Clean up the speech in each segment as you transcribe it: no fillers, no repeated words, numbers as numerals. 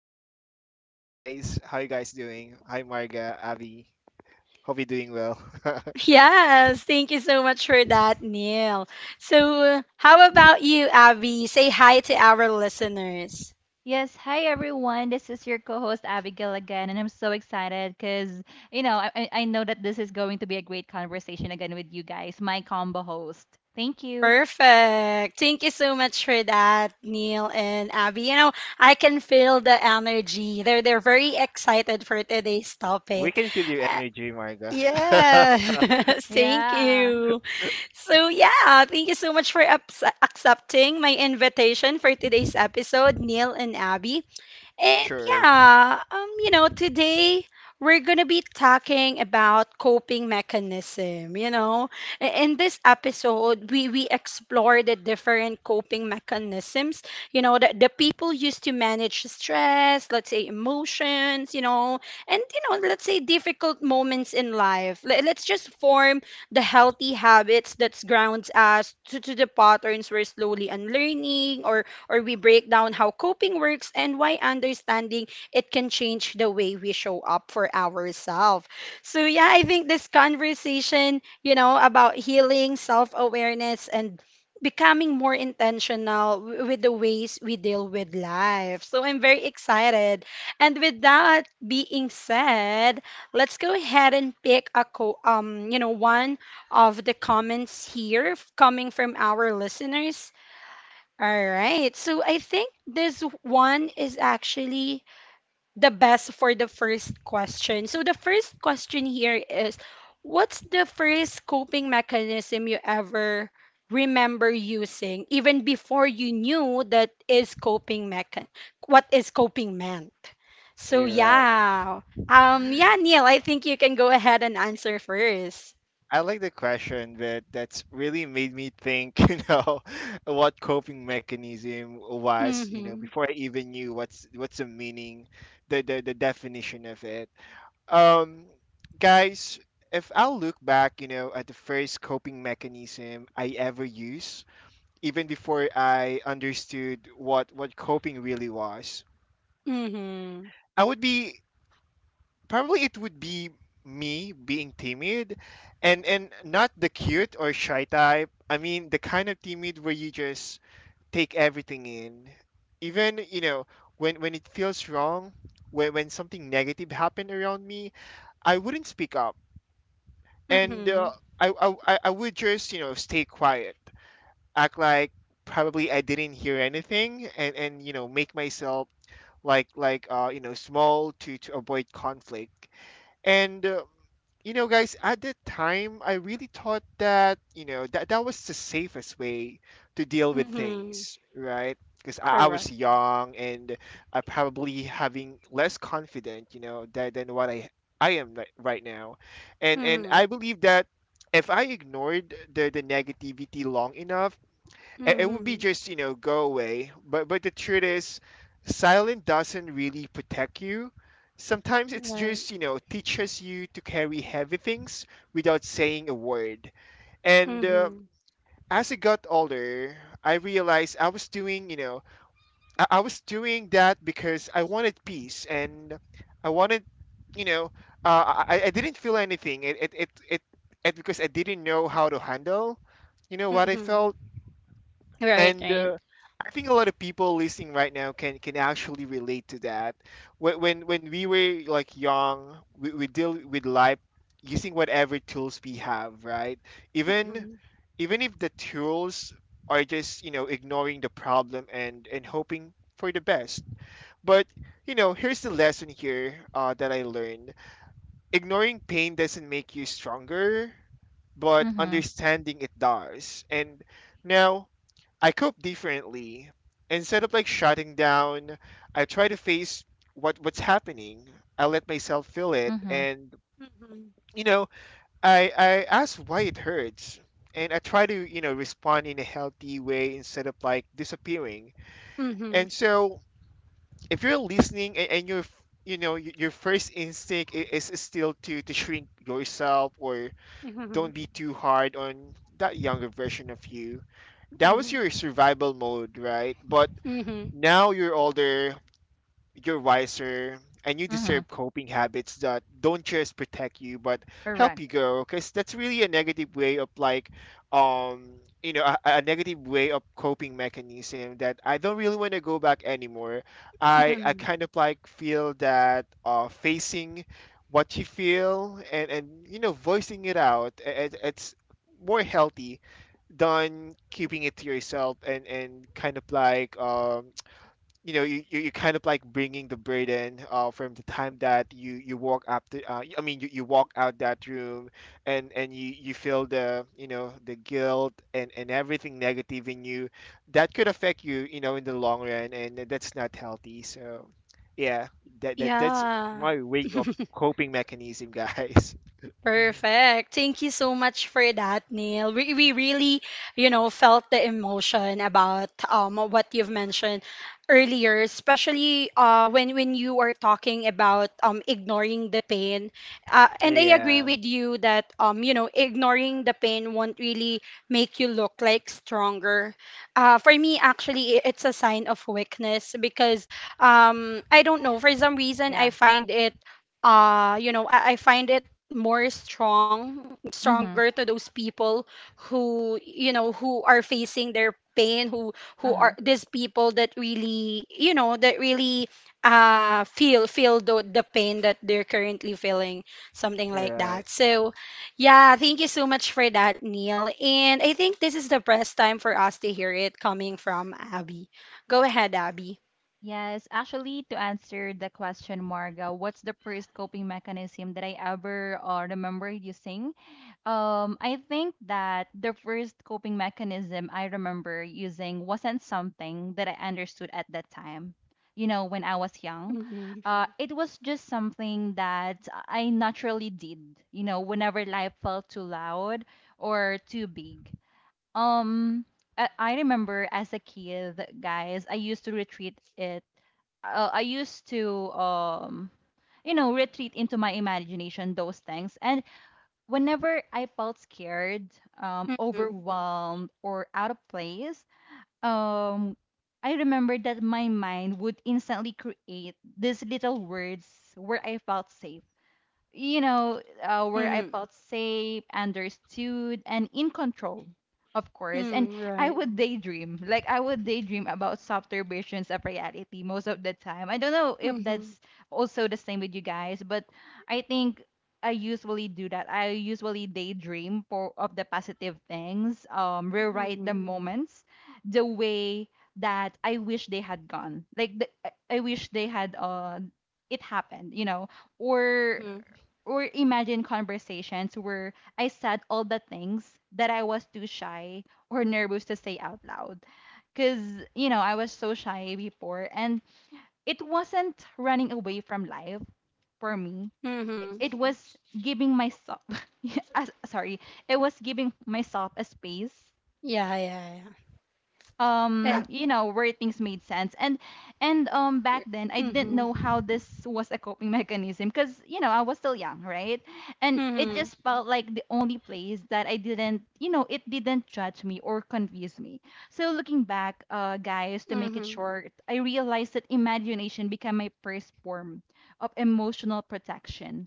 Hi guys, how you guys doing? Hi Marga, Abby. Hope you're doing well. Yes, thank you so much for that, Neil. So, how about you, Abby? Say hi to our listeners. Yes, hi everyone. This is your co-host Abigail again, and I'm so excited because I know that this is going to be a great conversation again with you guys, my combo host. Thank you. Perfect. Thank you so much for that, Neil and Abby. You know, I can feel the energy. They're very excited for today's We topic. can feel your Uh, energy, Marga. yeah. Thank Yeah. you. So yeah, thank you so much for accepting my invitation for today's episode, Neil and Abby. And Sure, yeah, you know, today we're gonna be talking about coping mechanism. You know, in this episode, we explore the different coping mechanisms. You know, that the people used to manage stress, let's say emotions. You know, and you know, let's say difficult moments in life. Let's just form the healthy habits that grounds us to the patterns we're slowly unlearning, or we break down how coping works and why understanding it can change the way we show up for ourselves. So yeah, I think this conversation, you know, about healing, self awareness, and becoming more intentional with the ways we deal with life. So I'm very excited. And with that being said, let's go ahead and pick a you know one of the comments here coming from our listeners. All right. So I think this one is actually the best for the first question. So the first question here is, what's the first coping mechanism you ever remember using even before you knew that is coping mechan what is coping meant? So you're right. yeah. Yeah, Neil, I think you can go ahead and answer first. I like the question, but that's really made me think. You know, what coping mechanism was. You know, Mhm. before I even knew what's the meaning, the definition of it. Um, Guys, if I'll look back, you know, at the first coping mechanism I ever used even before I understood what coping really was. Mhm. I would be probably it would be me being timid, and not the cute or shy type. I mean the kind of timid where you just take everything in. Even, you know, when it feels wrong, when something negative happened around me, I wouldn't speak up. And Mhm. I would just, you know, stay quiet. Act like probably I didn't hear anything, and you know, make myself like you know, small to avoid conflict. And You know, guys, at that time, I really thought that, you know, that was the safest way to deal with Mhm. things, right? Because I was Correct. young and I probably having less confident, you know, than, what I am right now, and I believe that if I ignored the negativity long enough, it would be, Mm-hmm. just you know, go away. But the truth is silent doesn't really protect you. Sometimes it's Right. just, you know, teaches you to carry heavy things without saying a word. And Mm-hmm. As I got older, I realized I was doing, you know, I was doing that because I wanted peace and I wanted, you know, I didn't feel anything. It because I didn't know how to handle, you know, what I Mm-hmm. felt. Right, And right. I think a lot of people listening right now can actually relate to that. When when we were like young, we deal with life using whatever tools we have, right? Even Mm-hmm. If the tools are just, you know, ignoring the problem and hoping for the best. But you know, here's the lesson here that I learned: ignoring pain doesn't make you stronger, but Mhm. understanding it does. And now I cope differently. Instead of like shutting down, I try to face what's happening. I let myself feel it, Mhm. and Mm-hmm. you know, I ask why it hurts, and I try to, you know, respond in a healthy way instead of like disappearing. Mm-hmm. And so, if you're listening, and you're you know y- your first instinct is still to shrink yourself, or don't Mm-hmm. be too hard on that younger version of you. That was Mm-hmm. your survival mode, right? But Mm-hmm. now you're older, you're wiser, and you Mhm. deserve coping habits that don't just protect you but help you Correct. grow. Because that's really a negative way of like, um, you know, a negative way of coping mechanism that I don't really want to go back anymore. I Mm-hmm. kind of like feel that facing what you feel, and you know, voicing it out, it's more healthy than keeping it to yourself, and kind of like, you know, you you kind of like bringing the burden from the time that you walk up the I mean you, you walk out that room and you feel the, you know, the guilt and everything negative in you that could affect you, you know, in the long run, and that's not healthy. So yeah, that's Yeah. my way of coping mechanism, guys. Perfect. Thank you so much for that, Neil. We really, you know, felt the emotion about what you've mentioned earlier, especially when you are talking about ignoring the pain. And I agree Yeah, with you that you know ignoring the pain won't really make you look like stronger. For me, actually, it's a sign of weakness because I don't know, for some reason I Yeah. find it you know, I find it more stronger to Mhm. those people who, you know, who are facing their pain, who Uh are huh. these people that really, you know, that really feel feel the pain that they're currently feeling, something all like right. that. So yeah, thank you so much for that, Neil, and I think this is the best time for us to hear it coming from Abby. Go ahead, Abby. Yes, actually, to answer the question, Marga, what's the first coping mechanism that I ever remember using? I think that the first coping mechanism I remember using wasn't something that I understood at that time. You know, when I was young, Mm-hmm. It was just something that I naturally did. You know, whenever life felt too loud or too big. Um, I remember as a kid, guys, I used to retreat it. I used to retreat into my imagination those things, and whenever I felt scared, Mm-hmm. overwhelmed, or out of place, um, I remembered that my mind would instantly create these little words where I felt safe, where I Mm-hmm. felt safe, understood, and in control, of course. And Mm, I right. would daydream, like I would daydream about softer versions of reality most of the time. I don't know if Mm-hmm. that's also the same with you guys, but I think I usually do that. I usually daydream for of the positive things, rewrite the Mhm. moments the way that I wish they had gone. I wish they had it happened, or Mhm. or imagine conversations where I said all the things that I was too shy or nervous to say out loud. Because, I was so shy before, and it wasn't running away from life for me. It Mhm. it was giving myself, yeah, sorry, it was giving myself a space Yeah, yeah, yeah. And, where things made sense. And back then I didn't know mhm. how, this was a coping mechanism because, I was still young, right? And it Mhm. just felt like the only place that I didn't you know it didn't judge me or confuse me. So looking back, guys, to make it Mhm. short, I realized that imagination became my first form of emotional protection.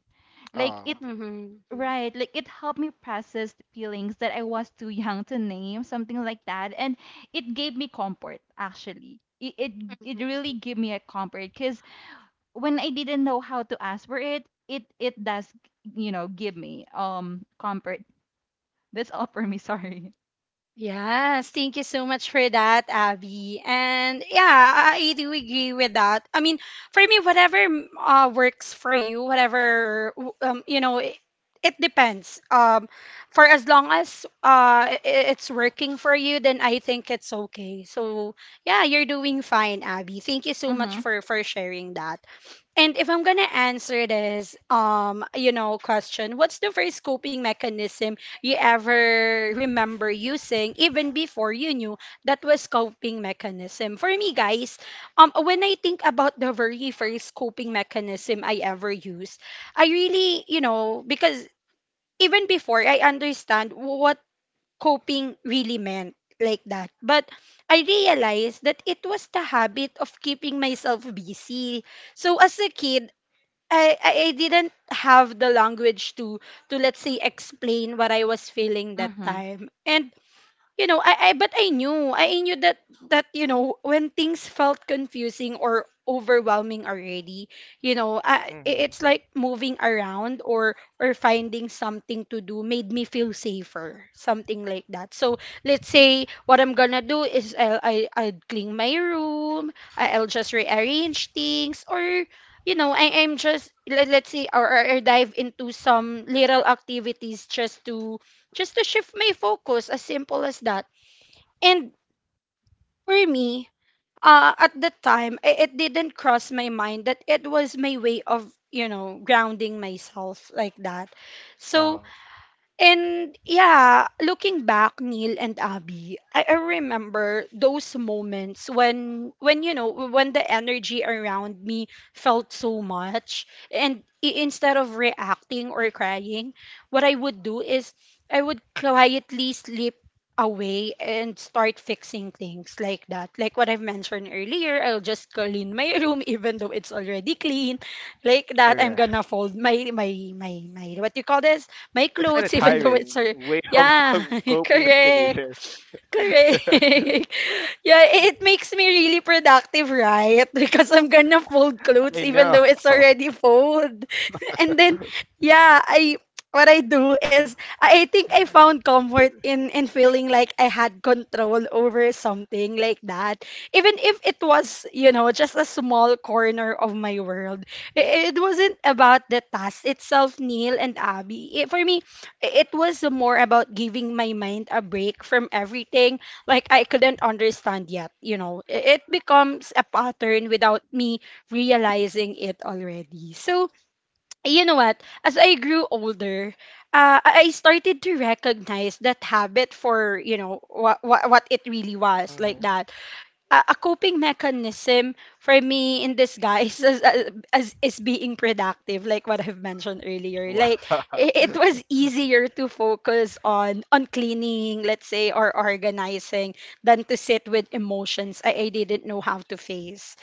Like Oh, it Mhm. Right. Like it helped me process the feelings that I was too young to name, something like that. And it gave me comfort, actually. It Mhm. really gave me a comfort because when I didn't know how to ask for it, it does, give me comfort. That's all for me, sorry. Yes, thank you so much for that, Abby. And yeah, I do agree with that. I mean, for me, whatever works for you, whatever you know, it depends. For as long as it's working for you, then I think it's okay. So yeah, you're doing fine, Abby. Thank you so much Mm-hmm. For sharing that. And if I'm gonna answer this, you know, question, what's the first coping mechanism you ever remember using, even before you knew that was coping mechanism? For me, guys, when I think about the very first coping mechanism I ever used, I really, you know, because even before I understand what coping really meant like that, but I realized that it was the habit of keeping myself busy. So as a kid, I didn't have the language to let's say explain what I was feeling that Mm-hmm. time. And you know, I but I knew that that you know, when things felt confusing or overwhelming already, you know, I, it's mm-hmm. like moving around or finding something to do made me feel safer, something like that. So let's say what I'm gonna do is I, I'll clean my room, I, I'll just rearrange things, or you know, I, I'm just let, let's say or dive into some little activities just to shift my focus, as simple as that. And for me, at the time, it didn't cross my mind that it was my way of, you know, grounding myself like that. So Oh, and yeah, looking back, Neil and Abby, I remember those moments when you know when the energy around me felt so much, and instead of reacting or crying, what I would do is I would quietly slip away and start fixing things like that. Like what I've mentioned earlier, I'll just clean my room even though it's already clean. Like all that, I'm right. gonna fold my what do you call this? My It's kind of clothes, even though tiring it's her. way Yeah, of coping correct. mechanism. Correct. Yeah, it makes me really productive, right? Because I'm gonna fold clothes I even know. though it's already fold. And then, yeah, I what I do is I think I found comfort in feeling like I had control over something like that. Even if it was, you know, just a small corner of my world. I- It wasn't about the task itself, Neil and Abby. It, for me, it was more about giving my mind a break from everything like I couldn't understand yet. You know, it becomes a pattern without me realizing it already. So, you know what? As I grew older, I started to recognize that habit for, you know, what it really was like Hmm. that, a coping mechanism for me in disguise as is being productive like what I've mentioned earlier. Wow. Like I- it was easier to focus on cleaning, let's say, or organizing than to sit with emotions I didn't know how to face,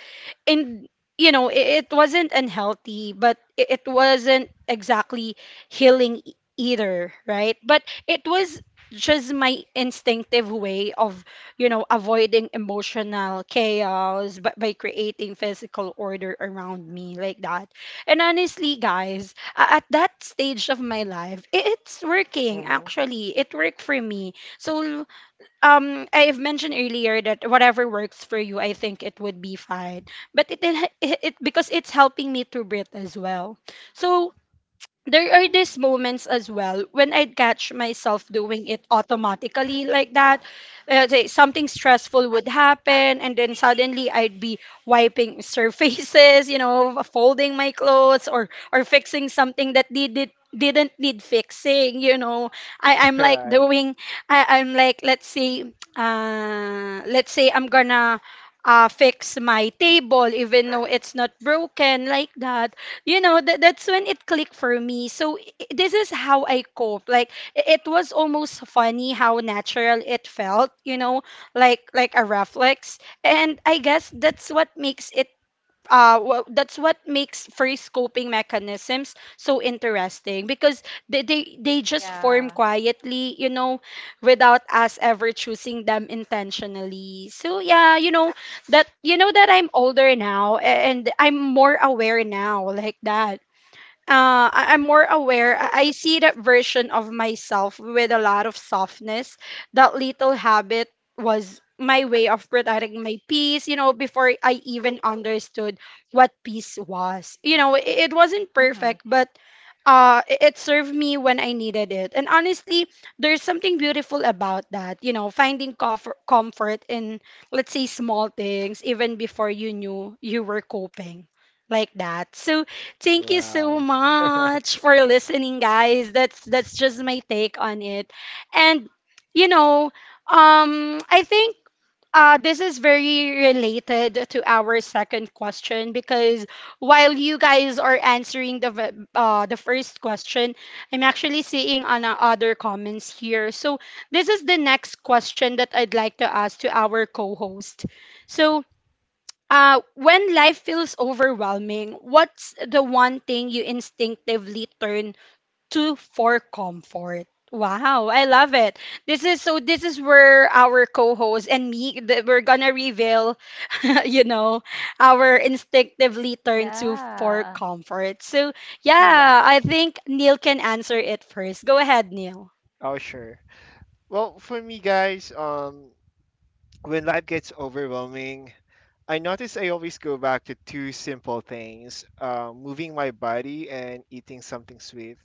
and you know it, it wasn't unhealthy, but it wasn't exactly healing either, right? But it was just my instinctive way of, you know, avoiding emotional chaos but by creating physical order around me, like that. And honestly, guys, at that stage of my life, it's working, Hmm. actually it worked for me. So I've mentioned earlier that whatever works for you, I think it would be fine. But it because it's helping me to breathe as well. So there are these moments as well when I'd catch myself doing it automatically like that. Say something stressful would happen, and then suddenly I'd be wiping surfaces, you know, folding my clothes or fixing something that needed didn't need fixing, you know. i i'm like Right. doing I, I'm like let's say I'm gonna fix my table even though it's not broken, like that. You know, that that's when it clicked for me. So this is how I cope. Like, I- it was almost funny how natural it felt, you know, like a reflex. And I guess that's what makes it that's what makes first coping mechanisms so interesting, because they just form Yeah. quietly, you know, without us ever choosing them intentionally. So yeah, you know, that you know that I'm older now and I'm more aware now, like that. I- I'm more aware. I see that version of myself with a lot of softness. That little habit was my way of protecting my peace, you know, before I even understood what peace was. You know, it wasn't Mm-hmm. perfect, but it served me when I needed it. And honestly, there's something beautiful about that, you know, finding comfort, comfort in, let's say, small things even before you knew you were coping like that. So, thank you so Wow. much for listening, guys. That's just my take on it. And you know, I think this is very related to our second question because while you guys are answering the the first question, I'm actually seeing on other comments here. So this is the next question that I'd like to ask to our co-host. So when life feels overwhelming, what's the one thing you instinctively turn to for comfort? Wow, I love it. This is so this is where our co-host and me we're gonna reveal, you know, our instinctively turn to for Yeah. comfort. So Correct. yeah, I think Neil can answer it first. Go ahead, Neil. Oh, sure. Well, for me, guys, when life gets overwhelming, I notice I always go back to two simple things, moving my body and eating something sweet.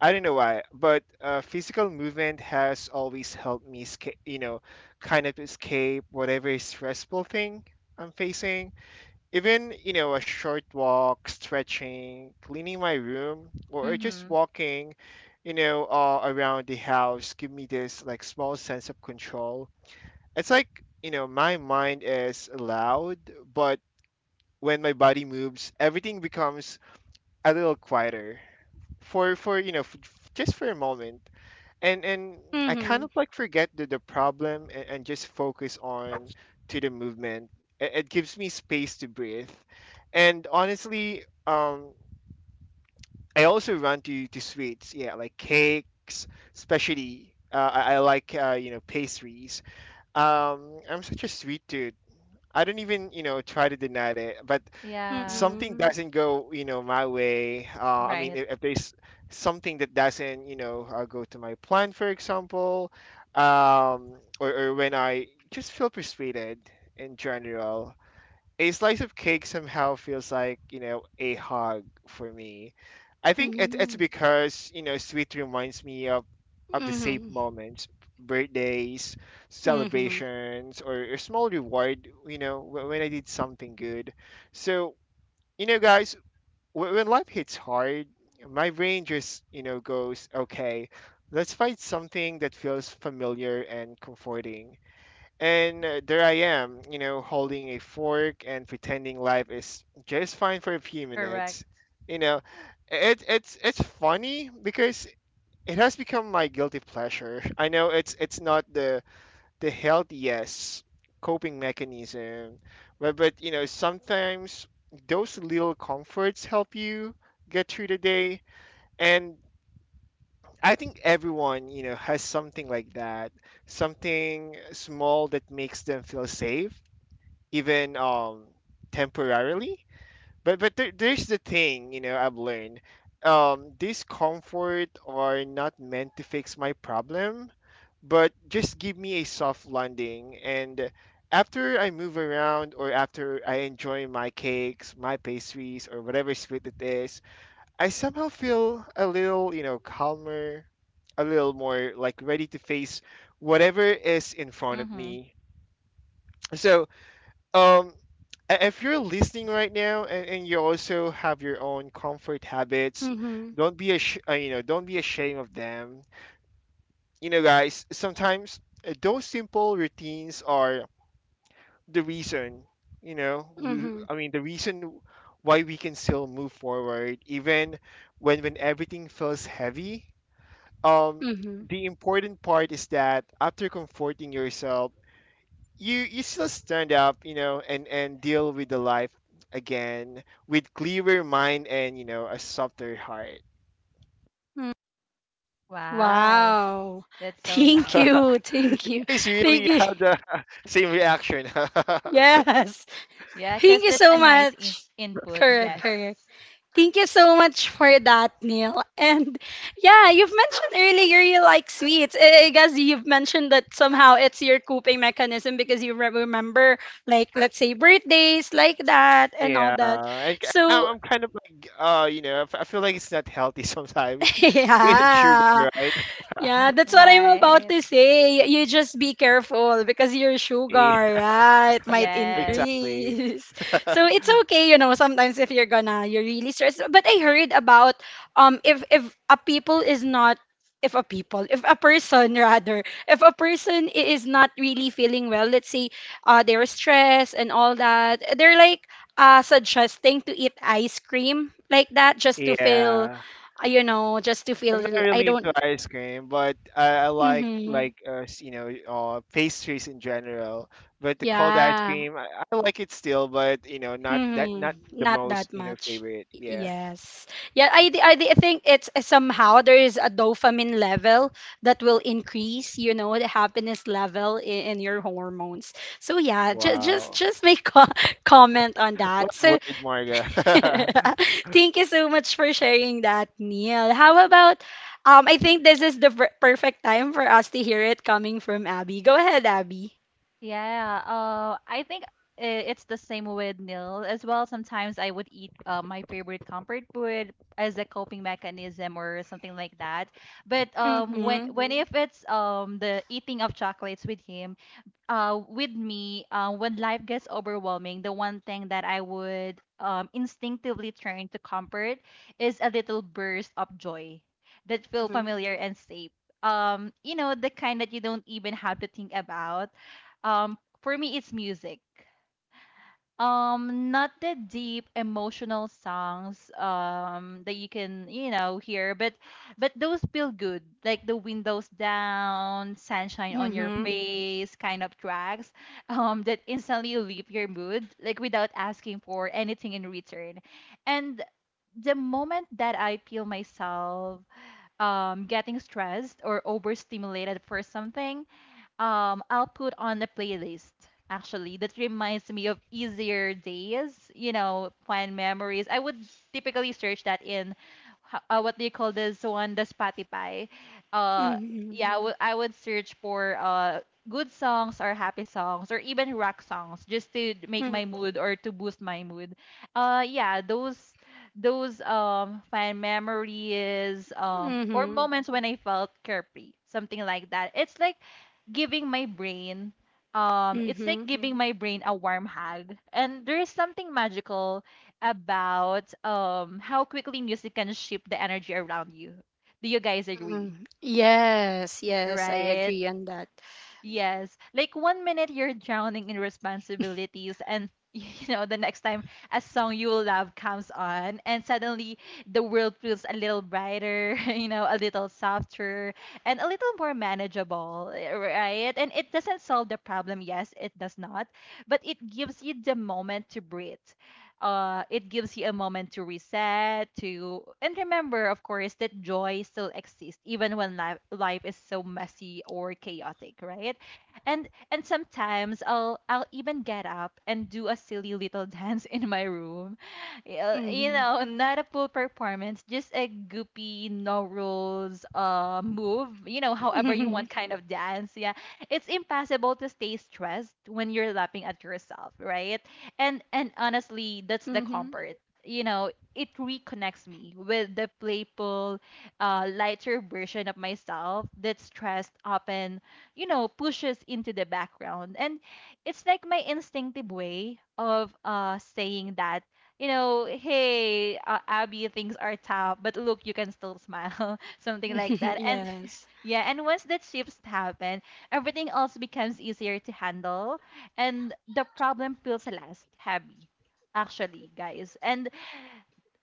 I don't know why, but physical movement has always helped me escape, you know, kind of escape whatever stressful thing I'm facing. Even, you know, a short walk, stretching, cleaning my room, or just Mm-hmm. walking, you know, around the house, give me this like small sense of control. It's like, you know, my mind is loud, but when my body moves, everything becomes a little quieter for you know, just for a moment, and I kind Mm-hmm. of like forget the problem, and, just focus on to the movement. It gives me space to breathe, and honestly, I also run to sweets. Yeah, like cakes, especially. I like you know, pastries. I'm such a sweet dude. I don't even, you know, try to deny it, but Yeah. something Mm-hmm. doesn't go, you know, my way. Right. If, there's something that doesn't, you know, go to my plan, for example, um, or, when I just feel frustrated in general, a slice of cake somehow feels like, you know, a hug for me. I think Mm-hmm. it's because, you know, sweet reminds me of the safe Mm-hmm. moments, birthdays, Mm-hmm. celebrations, or, small reward, you know, when I did something good. So you know, guys, when life hits hard, my brain just, you know, goes, okay, let's find something that feels familiar and comforting. And there I am, you know, holding a fork and pretending life is just fine for a few Correct. minutes, you know. It's funny because it has become my guilty pleasure. I know it's not the healthiest coping mechanism. But you know, sometimes those little comforts help you get through the day, and I think everyone, you know, has something like that, something small that makes them feel safe, even temporarily. But there, there's the thing, you know, I've learned. These comfort are not meant to fix my problem, but just give me a soft landing. And after I move around, or after I enjoy my cakes, my pastries, or whatever sweet it is, I somehow feel a little, you know, calmer, a little more like ready to face whatever is in front of Mm-hmm. me. So, um, if you're listening right now, and you also have your own comfort habits, Mm-hmm. don't you know, don't be ashamed of them. You know, guys, sometimes those simple routines are the reason, you know, Mm-hmm. I mean, the reason why we can still move forward even when everything feels heavy. Um, Mm-hmm. the important part is that after comforting yourself, you still stand up, you know, and deal with the life again with clearer mind and you know, a softer heart. Wow. Wow. That's so Thank nice. you. Thank you. Guys, Thank really you. have the same reaction. Yes. Yeah, because Thank you that's a so nice much. input. Correct, correct. Yes. Thank you so much for that, Neil. And yeah, you've mentioned earlier you like sweets. I guess you've mentioned that somehow it's your coping mechanism because you remember, like, let's say birthdays like that and Yeah, all that. So, am kind of like, you know, I I feel like it's not healthy sometimes. Because it's sugar, yeah. right? Yeah, that's what I'm about Right. to say. You just be careful because your Yeah, sugar, right, might Yes. exactly. increase. So it's okay, you know, sometimes if you're gonna, you're really stressed. But I heard about if a people is not if a people, if a person rather, if a person is not really feeling well, let's say they're stressed and all that, they're like suggesting to eat ice cream like that just to feel Yeah. You know, just to I'm not feel I really into don't ice cream, but I Mm-hmm. like you know, pastries in general. But the cold ice Yeah. cream, I like it still, but you know, not that, Mm-hmm. not the Not most, that you know, much. favorite. Y- Yeah. Yes. Yeah, I think it's somehow there is a dopamine level that will increase, you know, the happiness level in your hormones. So yeah, ju- just Wow. just make co comment on What that. So word, Marga? thank you so much for sharing that, Neil. How about I think this is the perfect time for us to hear it coming from Abby. Go ahead, Abby. Yeah. I think it's the same with Nil as well. Sometimes I would eat my favorite comfort food as a coping mechanism or something like that. But Mm-hmm. when Mm. if it's the eating of chocolates with him, with me, when life gets overwhelming, the one thing that I would, instinctively turn to comfort is a little burst of joy that feel Mm-hmm. familiar and safe, the kind that you don't even have to think about. For me, it's music, not the deep emotional songs that you can, hear, but those feel good, like the windows down, sunshine on your Mm-hmm. face kind of tracks, that instantly lift your mood, like without asking for anything in return. And the moment that I feel myself getting stressed or overstimulated for something, I'll put on the playlist actually that reminds me of easier days, fun memories. I would typically search that in, what do you call this one, the Spotify. Uh Mhm. yeah, I would, search for good songs or happy songs or even rock songs just to make Mm. my mood or to boost my mood. Yeah, those, fun memories, or Mhm. moments when I felt carefree, something like that. It's like giving my brain it's like Mhm. giving my brain a warm hug. And there is something magical about, how quickly music can shift the energy around you. Do you guys agree? Mhm. Yes, yes, I Right? agree on that. Yes. Like one minute you're drowning in responsibilities and, the next time a song you love comes on, and suddenly the world feels a little brighter, a little softer and a little more manageable, eh, right? And it doesn't solve the problem, yes, it does not, but it gives you the moment to breathe. It gives you a moment to reset, to, and remember, of course, that joy still exists even when life is so messy or chaotic, right? And sometimes, I'll even get up and do a silly little dance in my room. Yeah, Mhm. Not a full performance, just a goopy, no rules, move, however you Mhm. want, kind of dance, yeah. It's impossible to stay stressed when you're laughing at yourself, right? And honestly, that's the Mhm. comfort. You know, it reconnects me with the playful, lighter version of myself that's stressed up and, pushes into the background. And it's like my instinctive way of, saying that, hey, Abby, things are tough, but look, you can still smile, something like that. And Yes. yeah, and once that shifts happen, everything else becomes easier to handle. And the problem feels last heavy, actually, guys. And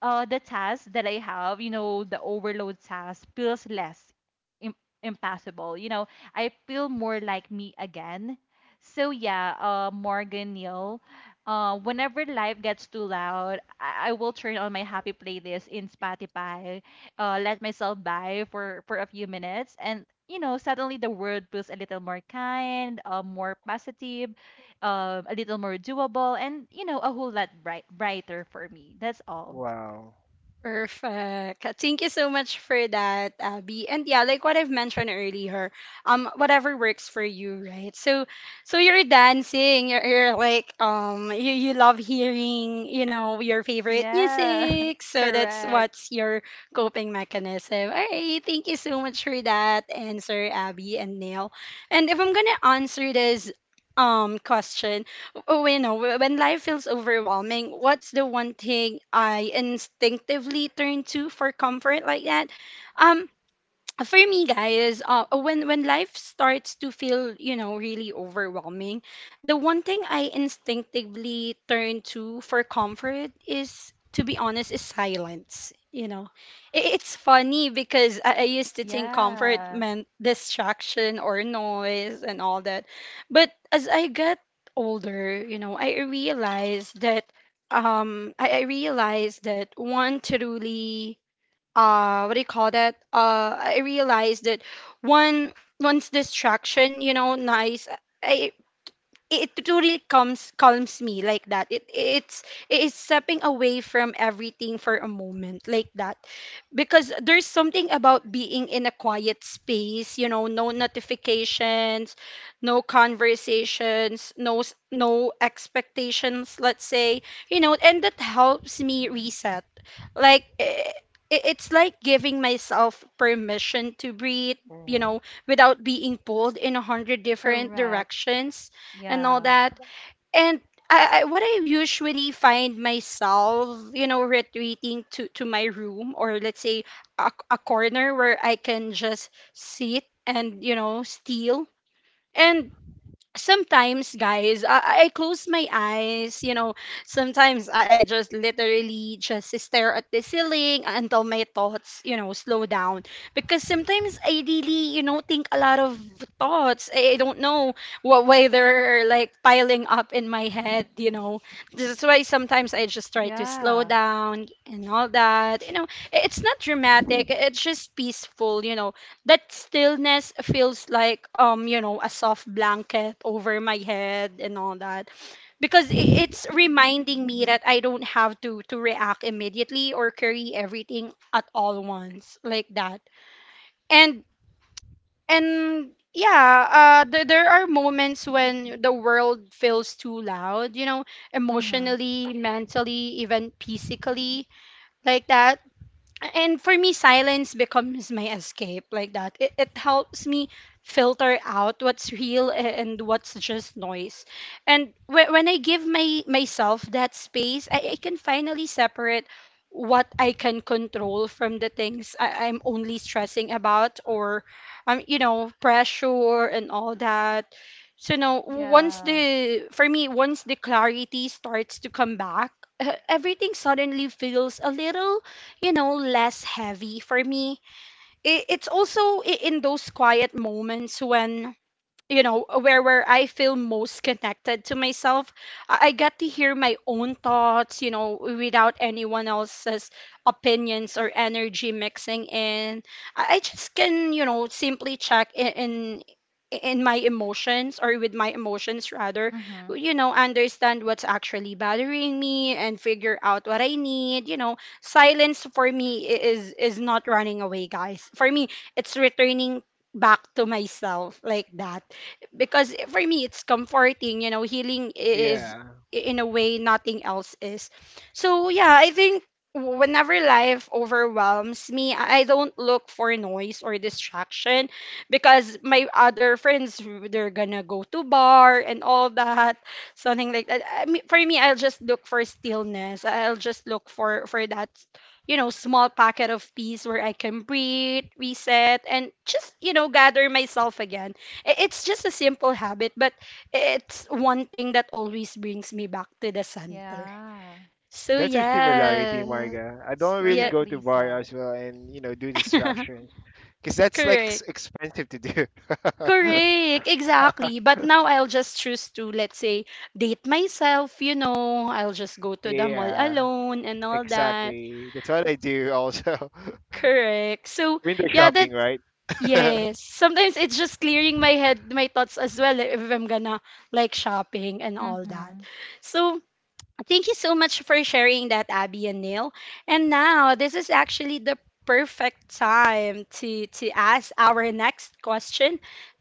the task that I have, the overload task feels less, Im- impossible. You know, I feel more like me again. So yeah, Morgan Neil, whenever life gets too loud, I will turn on my happy playlist in Spotify, let myself by for a few minutes, and, suddenly the world feels a little more kind, more positive, a little more doable, and, a whole lot brighter for me. That's all. Wow. Perfect. Thank you so much for that, Abby. And yeah, like what I've mentioned earlier, whatever works for you, right? So, so you're dancing. You're like, you, you love hearing, you know, your favorite Yeah. music. So that's Correct. what's your coping mechanism. All right. Thank you so much for that answer, Abby and Neil. And if I'm gonna answer this, question, oh, you know, when life feels overwhelming, what's the one thing I instinctively turn to for comfort like that? Um, for me guys when life starts to feel you know really overwhelming, the one thing I instinctively turn to for comfort, is, to be honest, is silence, you know. It's funny because I used to think comfort Yeah. meant distraction or noise and all that, but as I get older, you know, I realized that I realized that one truly what do you call that I realized that one one's distraction, you know, nice. I, it truly comes calms me like that, it it's stepping away from everything for a moment like that, because there's something about being in a quiet space, you know, no notifications, no conversations, no no expectations, let's say, you know, and that helps me reset, like eh, it's like giving myself permission to breathe, you Hmm. know, without being pulled in a hundred different Correct. directions and all Yeah. that. And I what I usually find myself, you know, retreating to my room, or let's say a corner where I can just sit and you know steal. And sometimes guys I close my eyes, you know, sometimes I just literally just stare at the ceiling until my thoughts, you know, slow down, because sometimes I really, you know, think a lot of thoughts, I don't know what why they're like piling up in my head, you know, that's why sometimes I just try to slow Yeah. down and all that, you know. It's not dramatic, it's just peaceful, you know. That stillness feels like you know a soft blanket over my head and all that, because it's reminding me that I don't have to react immediately or carry everything at all once like that. and and yeah there, there are moments when the world feels too loud, you know, Mm-hmm. emotionally, mentally, even physically, like that. And for me silence becomes my escape, like that. It helps me filter out what's real and what's just noise. And when I give my myself that space, I can finally separate what I can control from the things I'm only stressing about, or you know, pressure and all that. So no, once Yeah. the for me once the clarity starts to come back, everything suddenly feels a little, you know, less heavy for me. It's also in those quiet moments when, you know, where I feel most connected to myself, I get to hear my own thoughts, you know, without anyone else's opinions or energy mixing in. I just can, you know, simply check in, in my emotions, or with my emotions rather, Mm-hmm. you know, understand what's actually bothering me and figure out what I need, you know. Silence for me is not running away guys, for me it's returning back to myself, like that, because for me it's comforting, you know, healing is Yeah. in a way nothing else is. So yeah, I think whenever life overwhelms me, I don't look for noise or distraction, because my other friends they're gonna go to bar and all that, something like that. I mean, for me I'll just look for stillness, I'll just look for that, you know, small packet of peace where I can breathe, reset, and just, you know, gather myself again. It's just a simple habit, but it's one thing that always brings me back to the center. Yeah. So That's a similarity, yeah, Marga. I don't really yeah, go to Perfectly bar said. as well, and you know, do distractions because that's like correct. expensive to do. Correct, exactly. But now I'll just choose to, let's say, date myself, you know, I'll just go to the mall Yeah, alone and all that. exactly. That's what I do also. Correct. So, Window yeah, that, shopping, right? yes. Sometimes it's just clearing my head, my thoughts as well, eh, if I'm gonna like shopping and all that. Mm-hmm. So, thank you so much for sharing that, Abby and Neil. And now, this is actually the perfect time to ask our next question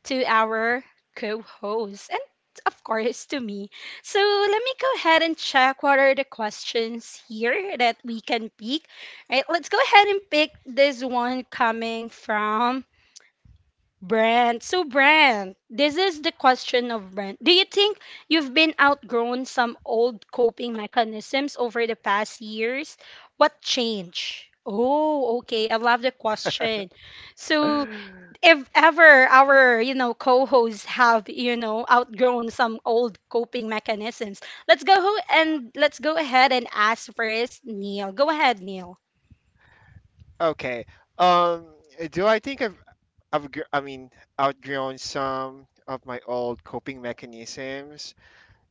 to our co-host and of course to me. So let me go ahead and check what are the questions here that we can pick. Right, let's go ahead and pick this one coming from Brent. So, Brent, this is the question of Brent. Do you think you've been outgrown some old coping mechanisms over the past years? What changed? Oh, okay. I love the question. So, if ever our, you know, co-hosts have, you know, outgrown some old coping mechanisms, let's go and let's go ahead and ask first Neil. Go ahead, Neil. Okay. Um, do I think I've I've gr- I mean outgrown some of my old coping mechanisms?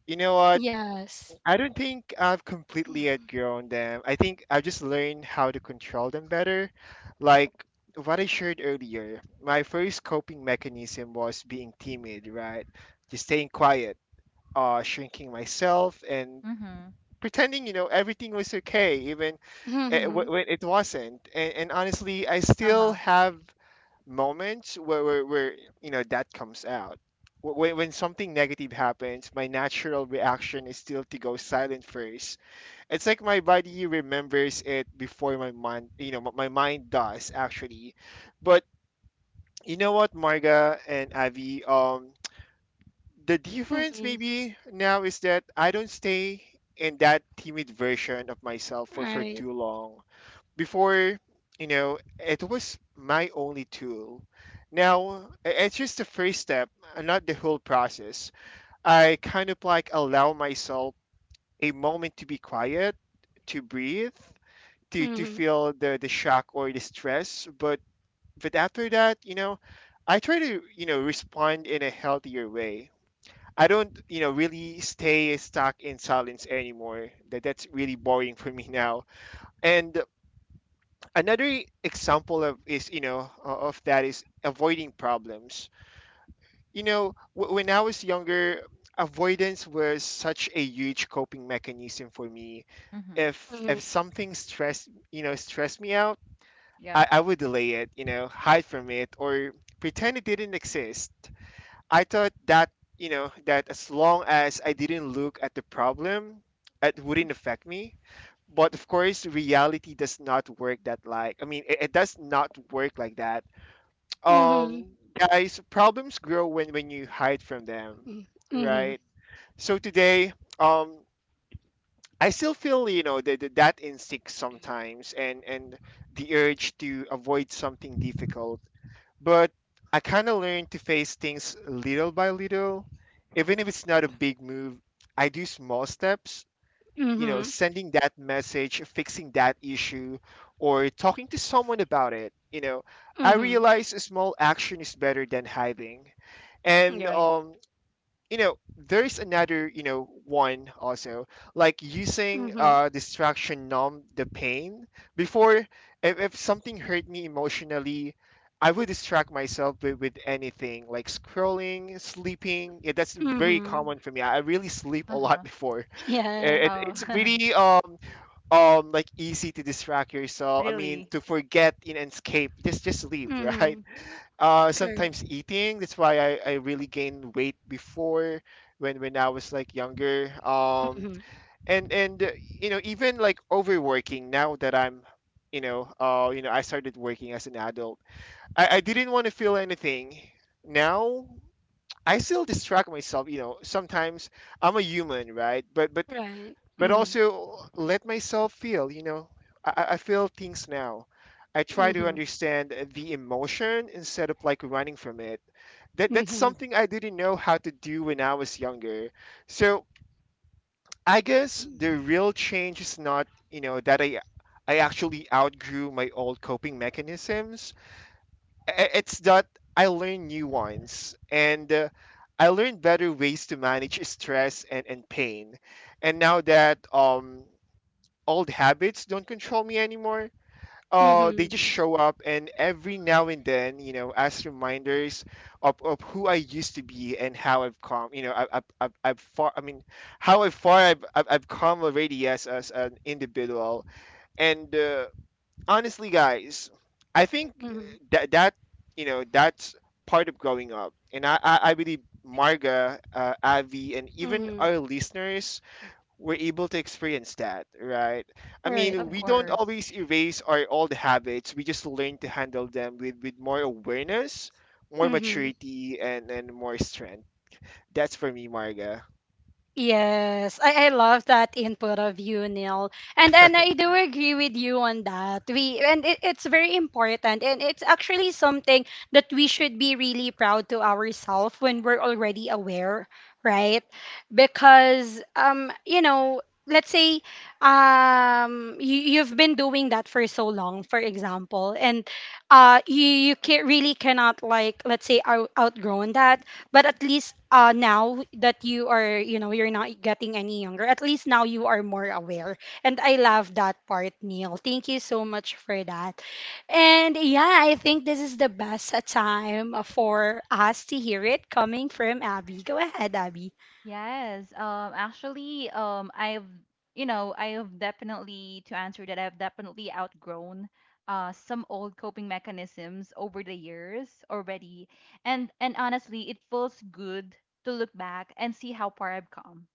You know what? Yes. I don't think I've completely outgrown them. I think I just learned how to control them better. Like what I shared earlier, my first coping mechanism was being timid, right? Just staying quiet, shrinking myself, and Mm-hmm. pretending, you know, everything was okay, even Mm-hmm. When it wasn't. And honestly, I still Uh-huh. have moments where, you know, that comes out. When, something negative happens, my natural reaction is still to go silent first. It's like my body remembers it before my mind, you know, my mind does actually. But you know what, Marga and Avi, the difference Mm-hmm. maybe now is that I don't stay in that timid version of myself for, Right. too long. Before, you know, it was my only tool. Now, it's just the first step, not the whole process. I kind of like allow myself a moment to be quiet, to breathe, to Mm-hmm. feel the shock or the stress, but after that, I try to, respond in a healthier way. I don't, really stay stuck in silence anymore. That's really boring for me now. And another example of is, you know o- of that is avoiding problems. You know, when I was younger, avoidance was such a huge coping mechanism for me. Mm-hmm. If something stressed you know stressed me out, Yeah. I would delay it, you know, hide from it, or pretend it didn't exist. I thought that, that as long as I didn't look at the problem, it wouldn't affect me. But of course, reality does not work that like. I mean, it does not work like that. Mhm. Um, Guys, problems grow when you hide from them, Mm. Mhm. right? So today, um, I still feel, the, that instinct sometimes, and the urge to avoid something difficult, but I kind of learned to face things little by little. Even if it's not a big move, I do small steps, you know, Mhm. sending that message, fixing that issue, or talking to someone about it. I Mhm. realize a small action is better than hiding. And You're right. There's another, one also, like using Mhm. Distraction numb the pain before. If something hurt me emotionally, I would distract myself with, anything like scrolling, sleeping. Yeah, that's very Mhm. common for me. I really sleep a lot Uh-huh. before. Yeah. it, Oh, it's really like easy to distract yourself. I mean really? to forget in and escape, just sleep. Right. Mhm. Uh, Correct. sometimes eating. That's why I really gained weight before, when I was like younger. Mhm. And you know, even like overworking now that I'm, you know, I started working as an adult. I didn't want to feel anything. Now I still distract myself, you know, sometimes. I'm a human, right? but but Right. but Mhm. also let myself feel, you know. I feel things now. I try to Mhm. understand the emotion instead of like running from it. That's Mhm. something I didn't know how to do when I was younger. So I guess the real change is not, that I actually outgrew my old coping mechanisms. I- it's that I learned new ones. And I learned better ways to manage stress and, pain. And now that, old habits don't control me anymore. They Mhm. just show up and every now and then, you know, as reminders of, who I used to be and how I've come. You know, I've far. I mean, how I've far I've come already as an individual. And honestly, guys, I think Mhm. that you know, that's part of growing up. And I believe Marga, Avi, and even Mhm. our listeners, we're able to experience that, right? I Right. mean, Of we Right. don't course. always erase our old habits. We just learn to handle them with, more awareness, more Mhm. maturity, and, more strength. That's for me, Marga. Yes, I love that input of you, Neil. And I do agree with you on that. We and it's very important, and it's actually something that we should be really proud to ourselves when we're already aware, right? Because you know, let's say you, you've been doing that for so long, for example, and you, you can really cannot like let's say out, outgrown that, but at least now that you are, you know, you're not getting any younger, at least now you are more aware, and I love that part, Neil. Thank you so much for that. And yeah, I think this is the best time for us to hear it coming from Abby. Go ahead, Abby. Yes, actually, I've, you know, I have definitely, to answer that, I've definitely outgrown some old coping mechanisms over the years already. And honestly, it feels good to look back and see how far I've come.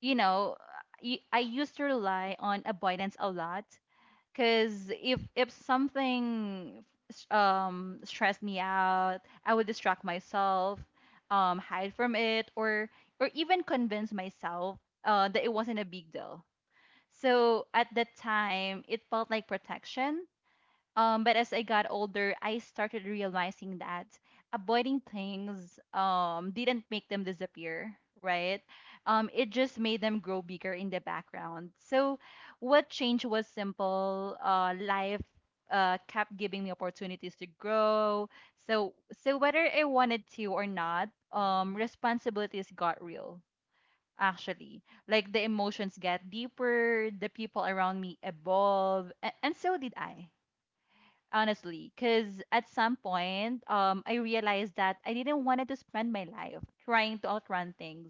You know, I used to rely on avoidance a lot. Cause if something stressed me out, I would distract myself, hide from it, or even convince myself, that it wasn't a big deal. So at that time, it felt like protection, but as I got older, I started realizing that avoiding things, didn't make them disappear, right? It just made them grow bigger in the background. So, what changed was simple. Life kept giving me opportunities to grow. So, whether I wanted to or not, responsibilities got real. Actually, like the emotions get deeper, the people around me evolve, and so did I, honestly. Because at some point, I realized that I didn't wanted to spend my life trying to outrun things.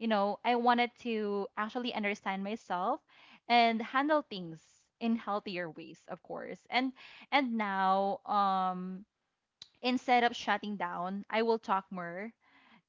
You know, I wanted to actually understand myself and handle things in healthier ways, of course. And now, instead of shutting down, I will talk more.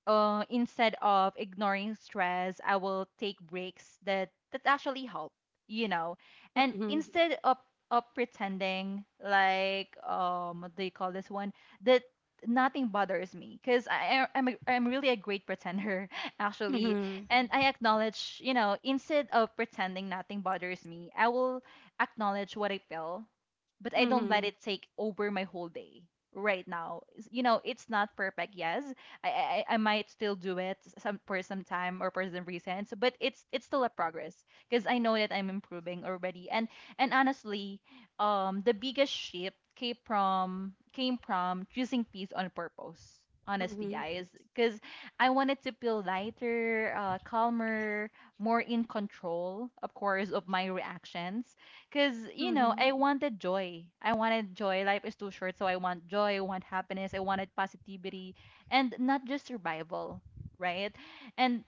Instead of ignoring stress, I will take breaks that actually help, you know. And Mhm, instead of pretending like, what do you call this one, that nothing bothers me. Because I'm really a great pretender, actually. mhm, And I acknowledge you know instead of pretending nothing bothers me, I will acknowledge what I feel, but I don't let mhm, it take over my whole day right now. You know, it's not perfect. Yes, I, I might still do it some for some time or for some reason. So, but it's still a progress because I know that I'm improving already. And honestly, the biggest shift came from, choosing peace on purpose. Honestly, mhm, guys, because, I wanted to feel lighter, calmer, more in control, of course, of my reactions. Because, mhm, I wanted joy. I wanted joy. Life is too short, so I want joy. I want happiness. I wanted positivity, and not just survival, right? And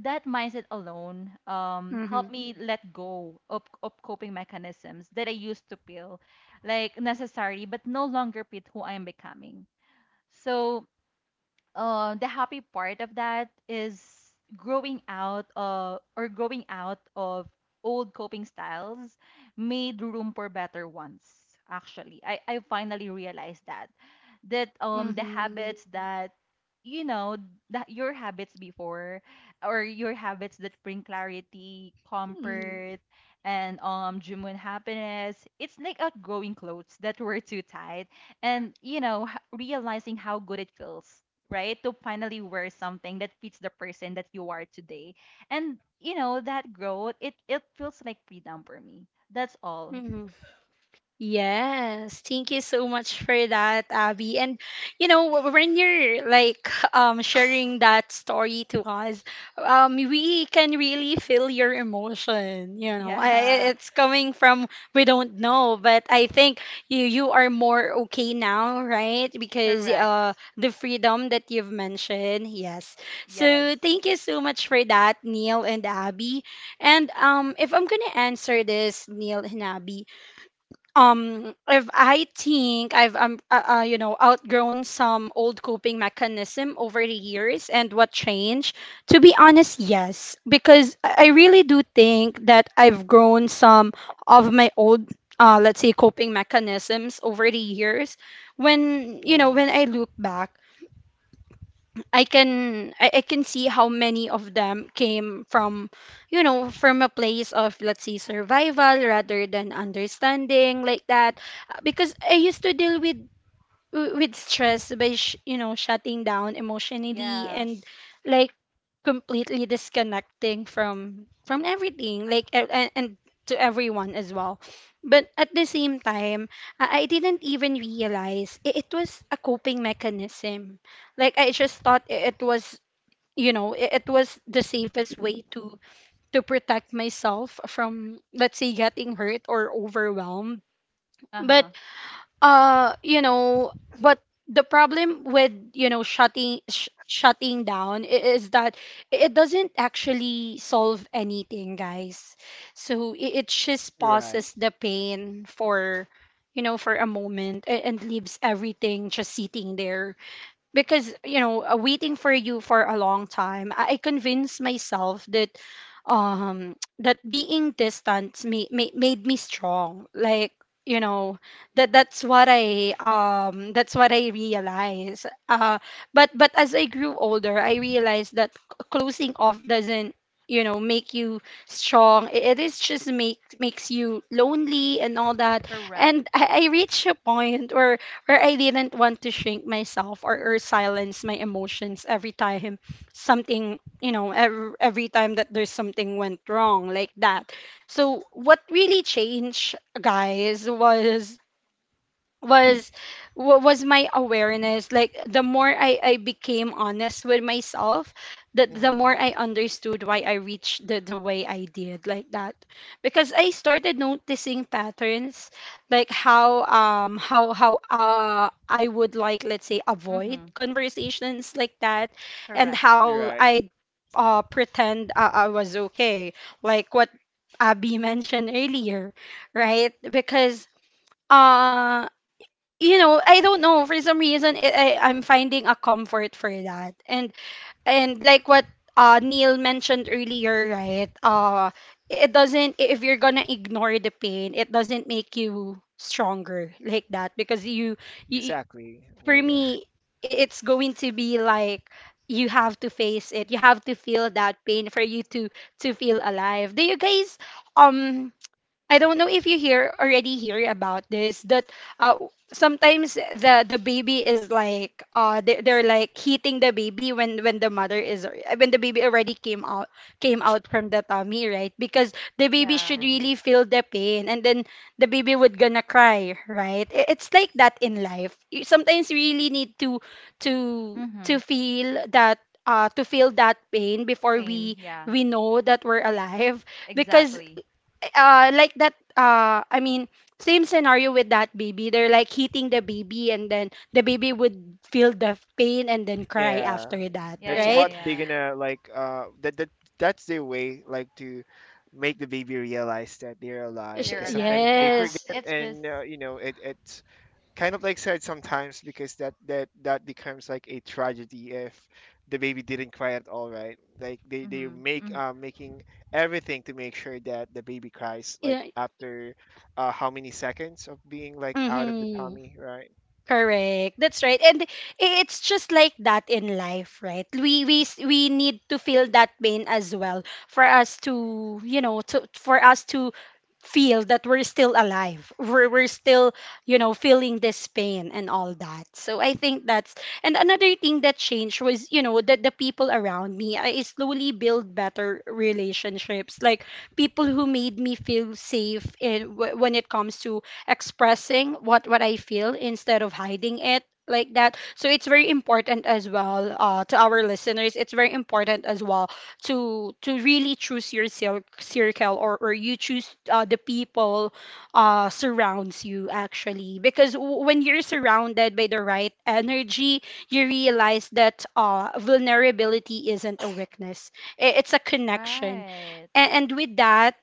that mindset alone, mhm, helped me let go of coping mechanisms that I used to feel like necessary but no longer fit who I am becoming. So the happy part of that is growing out or growing out of old coping styles made room for better ones actually I finally realized that the mhm, habits that you know that your habits before or your habits that bring clarity mhm, comfort and genuine happiness, it's like outgrowing clothes that were too tight. And realizing how good it feels, right? To finally wear something that fits the person that you are today. And you know, that growth, it feels like freedom for me. That's all. mhm. Yes, thank you so much for that, Abby. And you know, when you're like sharing that story to us, we can really feel your emotion, you know. I, Yeah, it's coming from we don't know, but I think you you are more okay now, right? Because correct. the freedom that you've mentioned. Yes. Yes. So thank you so much for that, Neil and Abby. And if I'm gonna answer this, Neil and Abby, if I think I've outgrown some old coping mechanism over the years and what changed. To be honest, yes, because I really do think that I've grown some of my old, let's say coping mechanisms over the years. when you know Mm-hmm. when I look back, I can, I can see how many of them came from you know from a place of, let's say, survival rather than understanding, like that. Because I used to deal with with stress by shutting down emotionally, Yeah. and, like, completely disconnecting from everything, like, and to everyone as well. But at the same time, I didn't even realize it was a coping mechanism. Like, I just thought, I- it was you know I- it was the safest way to protect myself from, let's say, getting hurt or overwhelmed. but Uh-huh. uh you know but the problem with, shutting, shutting down is that it doesn't actually solve anything, guys. So it just You're right. pauses the pain for, for a moment, and leaves everything just sitting there. Because, waiting for you for a long time, I convinced myself that, um that being distant made me strong. Like, you know that's what I realized. But as I grew older, I realized that closing off doesn't, make you strong. It is just makes you lonely and all that. Correct. And I reached a point where I didn't want to shrink myself, or, silence my emotions every time something, every time that there's something went wrong, like that. So what really changed, guys, was, was was my awareness. Like, the more I became honest with myself, that the Mm-hmm. more I understood why I reached the way I did, like that. Because I started noticing patterns, like how, I would, like, let's say, avoid Mm-hmm. conversations, like that. And Correct. You're how right. I pretend, I was okay, like what Abby mentioned earlier, right? Because, uh, I don't know, for some reason I'm finding a comfort for that. And like what Neil mentioned earlier, right? It doesn't If you're gonna ignore the pain, it doesn't make you stronger, like that, because you. Exactly, For Marga. me, it's going to be like, you have to face it, you have to feel that pain for you to feel alive. Do you guys, um I don't know if you hear already hear about this, that, uh, sometimes the baby is like, they're like hitting the baby when the mother is, when the baby already came out from the tummy, right? Because the baby Yeah. should Mm-hmm. really feel the pain, and then the baby would gonna cry, right? It's like that in life, you sometimes you really need to Mm-hmm. Feel that, to feel that pain before Pain. we Yeah. we know that we're alive because, Exactly. Like that, I mean, same scenario with that baby. They're like hitting the baby and then the baby would feel the pain and then cry Yeah, after that, Yeah, that's yeah, right? what they're yeah. gonna like. Uh, that's their way, like to make the baby realize that they're alive. They're Because sometimes alive. they Yeah. Yes. forget, It's just and you know, it kind of like sad sometimes because that becomes like a tragedy if the baby didn't cry at all, right? Like they mm-hmm. make, Mm-hmm. Making everything to make sure that the baby cries like Yeah. after, how many seconds of being like out of the Mm-hmm. tummy, right? Correct. That's right. And it's just like that in life, right? We need to feel that pain as well for us to, you know, to for us to feel that we're still alive. We're still, you know, feeling this pain and all that. So I think that's. And another thing that changed was, you know, that the people around me, I slowly build better relationships, like people who made me feel safe in, when it comes to expressing what I feel instead of hiding it, like that. So it's very important as well, to our listeners. It's very important as well to really choose your circle, or you choose, the people surrounds you actually, because when you're surrounded by the right energy, you realize that vulnerability isn't a weakness. It's a connection. Right. And, with that,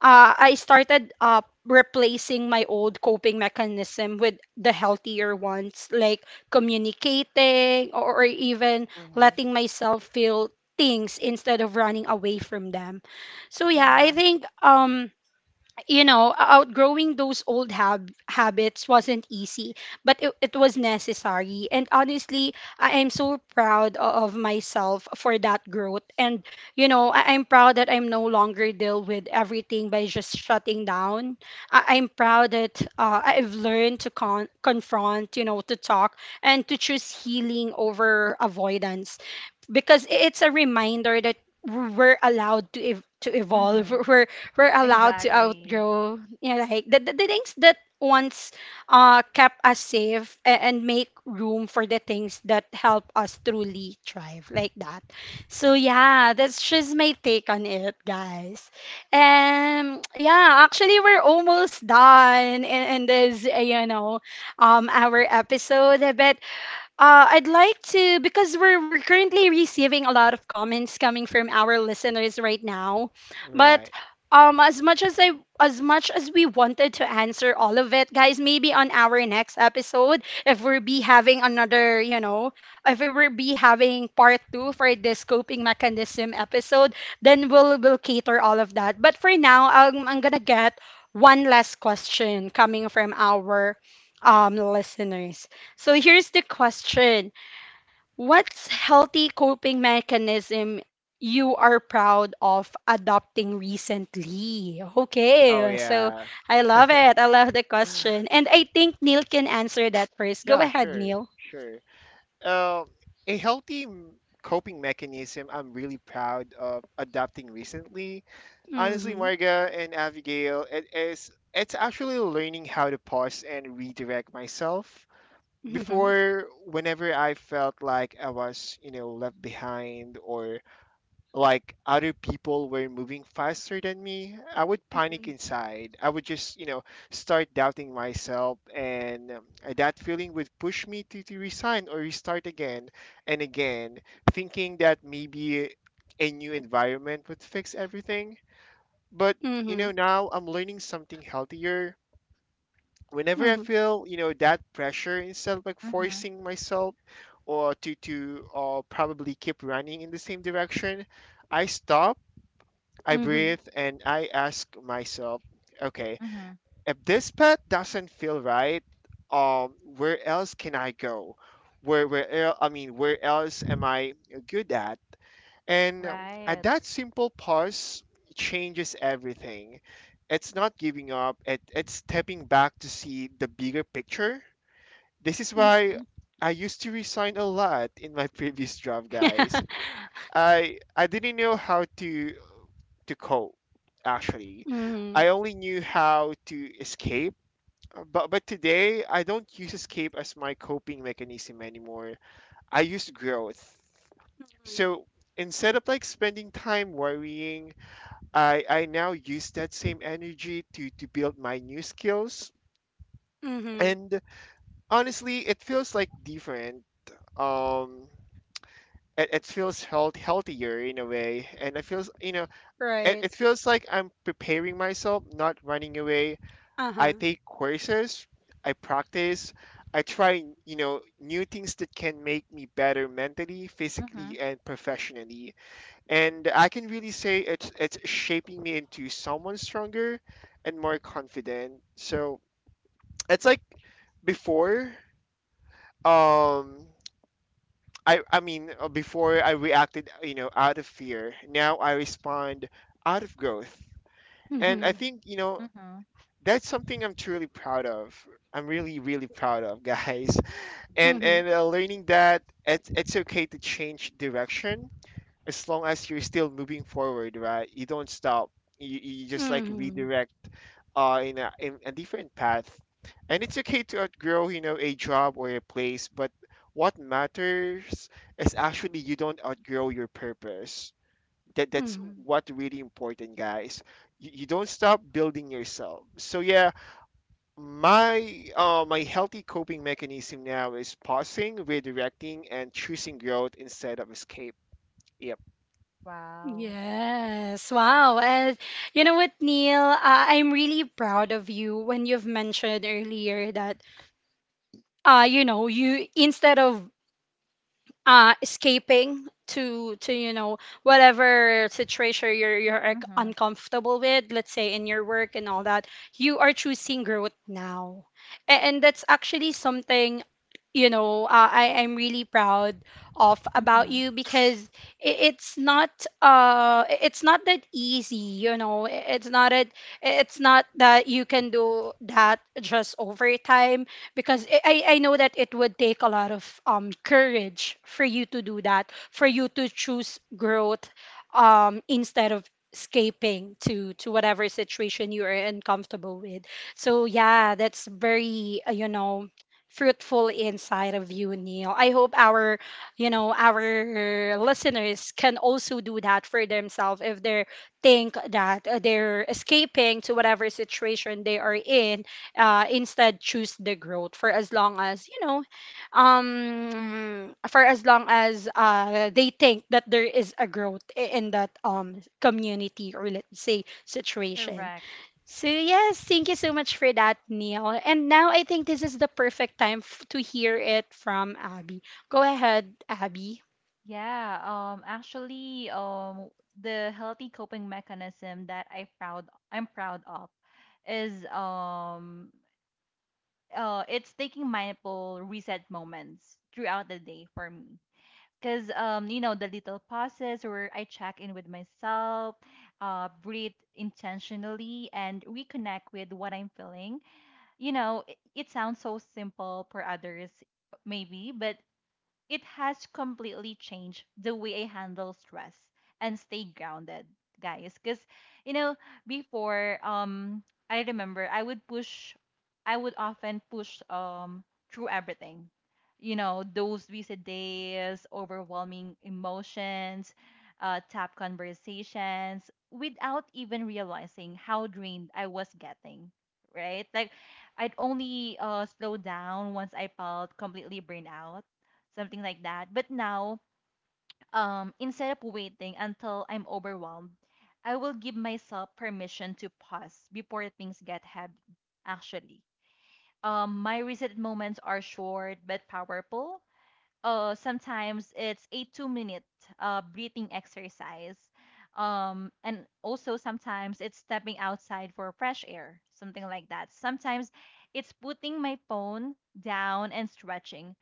I started, replacing my old coping mechanism with the healthier ones, like communicating, or, even Mm-hmm. letting myself feel things instead of running away from them. So yeah, I Yeah. think, outgrowing those old habits wasn't easy, but it was necessary. And honestly, I am so proud of myself for that growth. And, you know, I'm proud that I'm no longer deal with everything by just shutting down. I'm proud that, I've learned to confront, you know, to talk and to choose healing over avoidance, because it's a reminder that we're allowed to evolve Mm-hmm. We're allowed to Exactly. outgrow, you know, like the things that once kept us safe, and make room for the things that help us truly thrive, like that. So yeah, that's just my take on it, guys. And yeah, actually we're almost done in this, our episode, but, I'd like to, because we're currently receiving a lot of comments coming from our listeners right now, but, Right. um, as much as I as much as we wanted to answer all of it, guys, maybe on our next episode, if we'll be having another, you know, if we will be having part two for this coping mechanism episode, then we'll cater all of that. But for now, I'm gonna get one last question coming from our, listeners. So here's the question. What's healthy coping mechanism you are proud of adopting recently? Oh, Okay, so yeah. I love it. I love the question. And I think Neil can answer that first. Go Yeah, ahead, sure. Neil. Sure. Uh, a healthy coping mechanism I'm really proud of adopting recently. Honestly, Mm-hmm. Marga and Abigail, it is, it's actually learning how to pause and redirect myself. Mm-hmm. Before, whenever I felt like I was, you know, left behind or like other people were moving faster than me, I would panic inside. I would just, you know, start doubting myself, and that feeling would push me to, resign or restart again and again, thinking that maybe a new environment would fix everything, but, you Mm-hmm. know, now I'm learning something healthier. Whenever I Mm-hmm. feel, you know, that pressure, instead of like Mm-hmm. forcing myself or to probably keep running in the same direction, I stop, I Mm-hmm. breathe, and I ask myself, okay, Mm-hmm. if this path doesn't feel right, where else can I go? I mean, where else am I good at? And at Right. that simple pause changes everything. It's not giving up, it, it's stepping back to see the bigger picture. This is why Mm-hmm. I used to resign a lot in my previous job, guys. I didn't know how to cope actually. Mm-hmm. I only knew how to escape. But today I don't use escape as my coping mechanism anymore. I use growth. Mm-hmm. Mm-hmm. So instead of like spending time worrying, I now use that same energy to, build my new skills. Mm-hmm. And honestly, it feels like different. Um, it, it feels healthier in a way. And it feels, you know, it, Right. it feels like I'm preparing myself, not running away. I Uh-huh. take courses, I practice, I try, you know, new things that can make me better mentally, Mm-hmm. physically, and professionally. And I can really say it's shaping me into someone stronger and more confident. So it's like before, um, I mean, before I reacted, you know, out of fear. Now I respond out of growth, and I Mm-hmm. think, you know, Mm-hmm. that's something I'm truly proud of. I'm really really proud of, guys. And Mm-hmm. Learning that it's okay to change direction as long as you're still moving forward, right? You don't stop. You just like Mm-hmm. Mm-hmm. redirect in a different path. And it's okay to outgrow, you know, a job or a place, but what matters is actually you don't outgrow your purpose. That's Mm-hmm. what really important, guys. You don't stop building yourself. So yeah, my my healthy coping mechanism now is pausing, redirecting, and choosing growth instead of escape. Yep. Wow. Yes. Wow. And you know what, Neil? I'm really proud of you when you've mentioned earlier that, you know, you instead of escaping to, whatever situation you're Mm-hmm. uncomfortable with, let's say, in your work and all that, you are choosing growth now. And, that's actually something, you know, I'm really proud of about Mm-hmm. you, because i- it's not it's not that easy, you know. It's not that you can do that just over time, because I know that it would take a lot of courage for you to do that, for you to choose growth, instead of escaping to whatever situation you are uncomfortable with. So yeah, that's very, fruitful inside of you, Neil. I hope our, our listeners can also do that for themselves, if they think that, they're escaping to whatever situation they are in, instead choose the growth, for as long as, for as long as, they think that there is a growth in that, community, or let's say situation. Correct. So yes, thank you so much for that, Neil. And now I think this is the perfect time to hear it from Abby. Go ahead, Abby. Yeah. Actually, the healthy coping mechanism that I'm proud of is it's taking mindful reset moments throughout the day for me. Cause you know, the little pauses where I check in with myself, breathe intentionally and reconnect with what I'm feeling, you know, it sounds so simple for others, maybe, but it has completely changed the way I handle stress and stay grounded, guys. Because, you know, before, I remember I would often push through everything. You know, those busy days, overwhelming emotions, tough conversations, without even realizing how drained I was getting. Right? Like, I'd only slow down once I felt completely burned out, something like that. But now, instead of waiting until I'm overwhelmed, I will give myself permission to pause before things get heavy. Actually, my reset moments are short but powerful. Sometimes it's a two-minute breathing exercise. And also sometimes it's stepping outside for fresh air, something like that. Sometimes it's putting my phone down and stretching,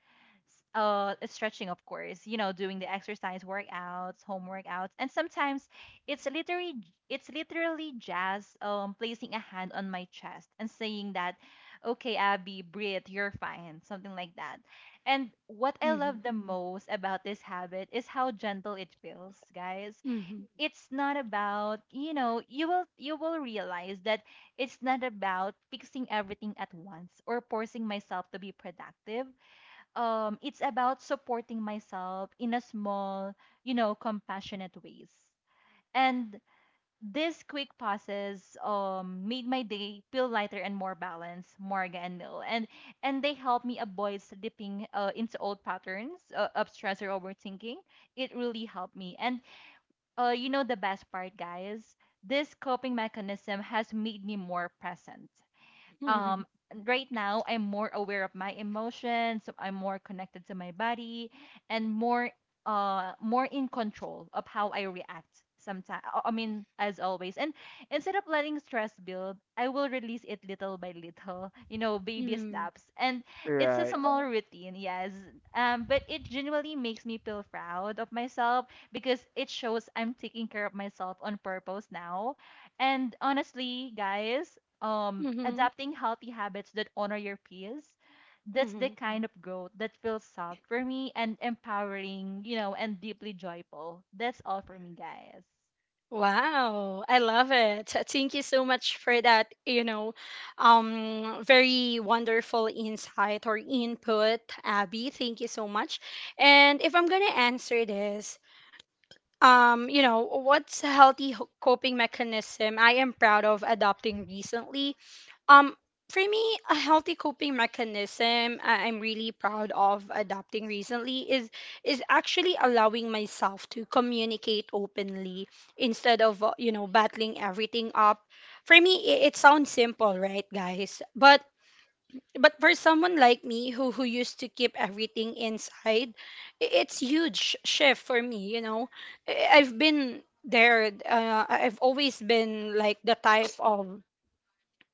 of course, you know, doing the exercise workouts, home workouts. And sometimes it's literally, it's literally just placing a hand on my chest and saying that, okay, Abby, breathe, you're fine, something like that. And what I Mm-hmm. love the most about this habit is how gentle it feels, guys. Hmm, It's not about, you know, you will, you will realize that it's not about fixing everything at once or forcing myself to be productive. It's about supporting myself in a small, you know, compassionate ways. And these quick pauses made my day feel lighter and more balanced, Morga and Nil. And they help me avoid slipping into old patterns of stress or overthinking. It really helped me. And you know, the best part, guys, this coping mechanism has made me more present. um right now I'm more aware of my emotions, so I'm more connected to my body and more more in control of how I react sometimes, I mean, as always. And instead of letting stress build, I will release it little by little, you know, baby hmm, steps. And it's a Right. small routine, yes, but it genuinely makes me feel proud of myself because it shows I'm taking care of myself on purpose now. And honestly, guys, hmm, adapting healthy habits that honor your peers, that's the hmm. kind of growth that feels soft for me and empowering, you know, and deeply joyful. That's all for me, guys. Wow, I love it. Thank you so much for that, very wonderful insight or input, Abby. Thank you so much. And if I'm gonna answer this, what's a healthy coping mechanism I am proud of adopting recently? Um, for me, a healthy coping mechanism I'm really proud of adopting recently is actually allowing myself to communicate openly instead of, battling everything up. For me, it sounds simple, right, guys? But for someone like me who used to keep everything inside, it's huge shift for me. You know, I've been there. I've always been like the type of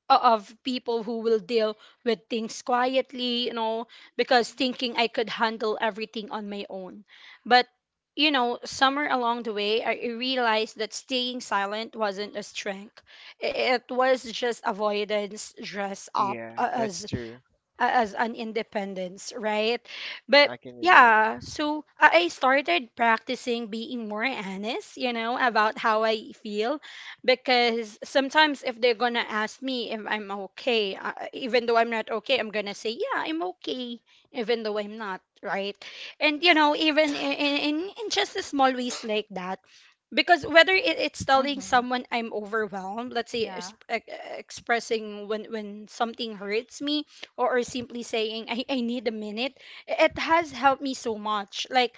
of people who will deal with things quietly, you know, because thinking I could handle everything on my own. But, you know, somewhere along the way, I realized that staying silent wasn't a strength. It was just avoidance dressed up Yeah, that's true. As an independence, right? But I can relate. yeah, so I started practicing being more honest, you know, about how I feel, because sometimes if they're gonna ask me if I'm okay, even though I'm not okay, I'm gonna say, yeah, I'm okay, even though I'm not, right? And you know, even in just a small ways like that, because whether it's telling Mhm. someone I'm overwhelmed, let's say Yeah. Expressing when something hurts me, or, simply saying, I need a minute. It has helped me so much, like,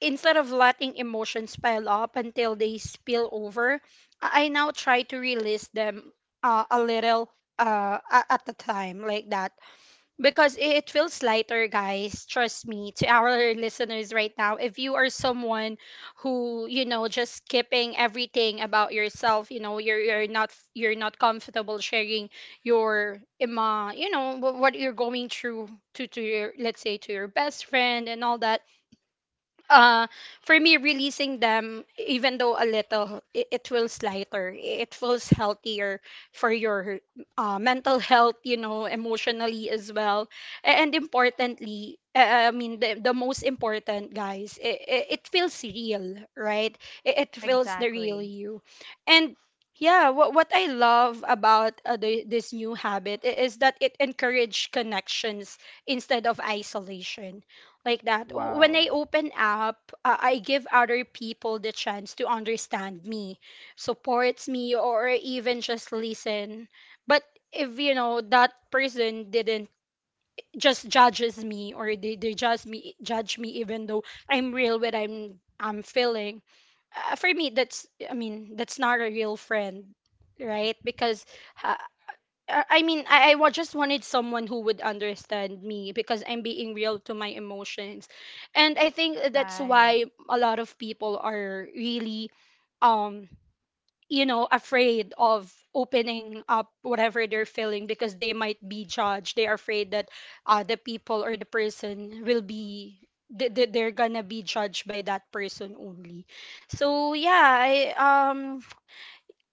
instead of letting emotions pile up until they spill over, I now try to release them, a little, at a time, like that, because it feels lighter, guys. Trust me, to our listeners right now, if you are someone just skipping everything about yourself, you know, you're not comfortable sharing your ima, you know, what you're going through to your, let's say, to your best friend and all that. uh for me, releasing them even though a little, it feels lighter, it feels healthier for your, mental health, you know, emotionally as well. And importantly, I mean, the most important, guys, it feels real, right? It feels the real Exactly. you. And yeah, what I love about, this new habit is that it encourages connections instead of isolation, like that. When I Wow. open up, I give other people the chance to understand me, supports me, or even just listen. But if you know that person didn't just judges me, or they judge me, even though I'm real what I'm feeling, for me that's I mean, that's not a real friend, right? Because uh, I mean, I just wanted someone who would understand me because I'm being real to my emotions. And I think that's Right. why a lot of people are really, um, afraid of opening up whatever they're feeling, because they might be judged. They are afraid that, the people or the person will be. They're gonna be judged by that person only. So yeah, I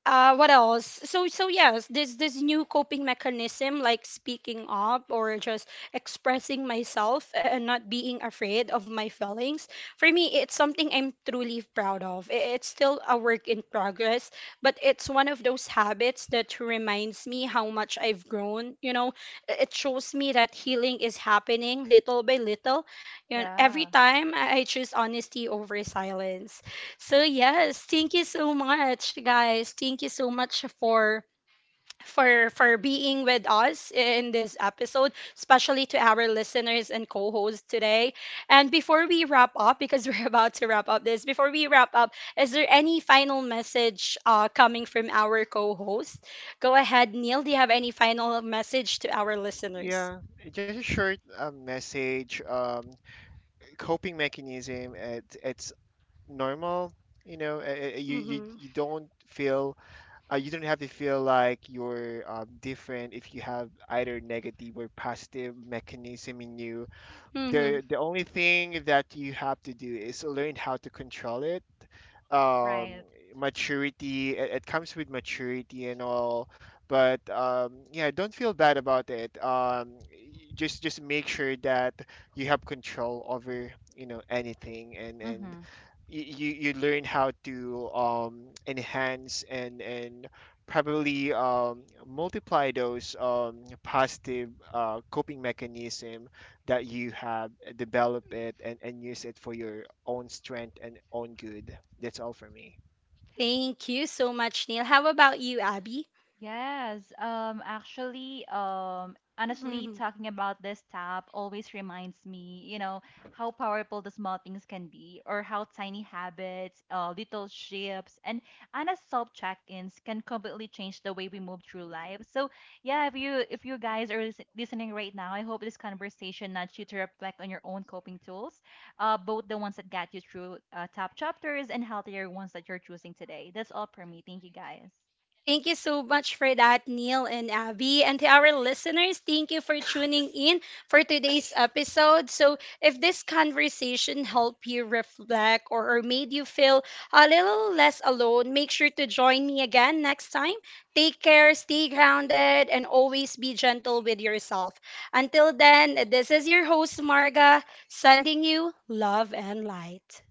what else? Yes, this new coping mechanism, like speaking up or just expressing myself and not being afraid of my feelings, for me, it's something I'm truly proud of. It's still a work in progress, but it's one of those habits that reminds me how much I've grown, you know. It shows me that healing is happening little by little, you know, every Yeah. time I choose honesty over silence. So yes, thank you so much, guys. Thank you so much for being with us in this episode, especially to our listeners and co-hosts today. And before we wrap up, because we're about to wrap up this, before we wrap up, is there any final message, coming from our co-host? Go ahead, Neil. Do you have any final message to our listeners? Yeah, just a short message. Coping mechanism, it, it's normal. You know, you Mm-hmm. Don't feel you don't have to feel like you're, different if you have either negative or positive mechanism in you. Mm-hmm. The only thing that you have to do is learn how to control it. Um, Right. Maturity, it comes with maturity and all, but yeah, don't feel bad about it. Just make sure that you have control over, you know, anything, and Mhm. You, you learn how to, enhance and, probably, multiply those, positive coping mechanism that you have. Develop it and, use it for your own strength and own good. That's all for me. Thank you so much, Neil. How about you, Abby? Yes, actually, honestly, Mhm. talking about this tap always reminds me, you know, how powerful the small things can be, or how tiny habits, little shifts, and honest self-check-ins can completely change the way we move through life. So, yeah, if you guys are listening right now, I hope this conversation nudged you to reflect on your own coping tools, both the ones that got you through top chapters and healthier ones that you're choosing today. That's all for me. Thank you, guys. Thank you so much for that, Neil and Abby. And to our listeners, thank you for tuning in for today's episode. So, if this conversation helped you reflect, or, made you feel a little less alone, make sure to join me again next time. Take care, stay grounded, and always be gentle with yourself. Until then, this is your host, Marga, sending you love and light.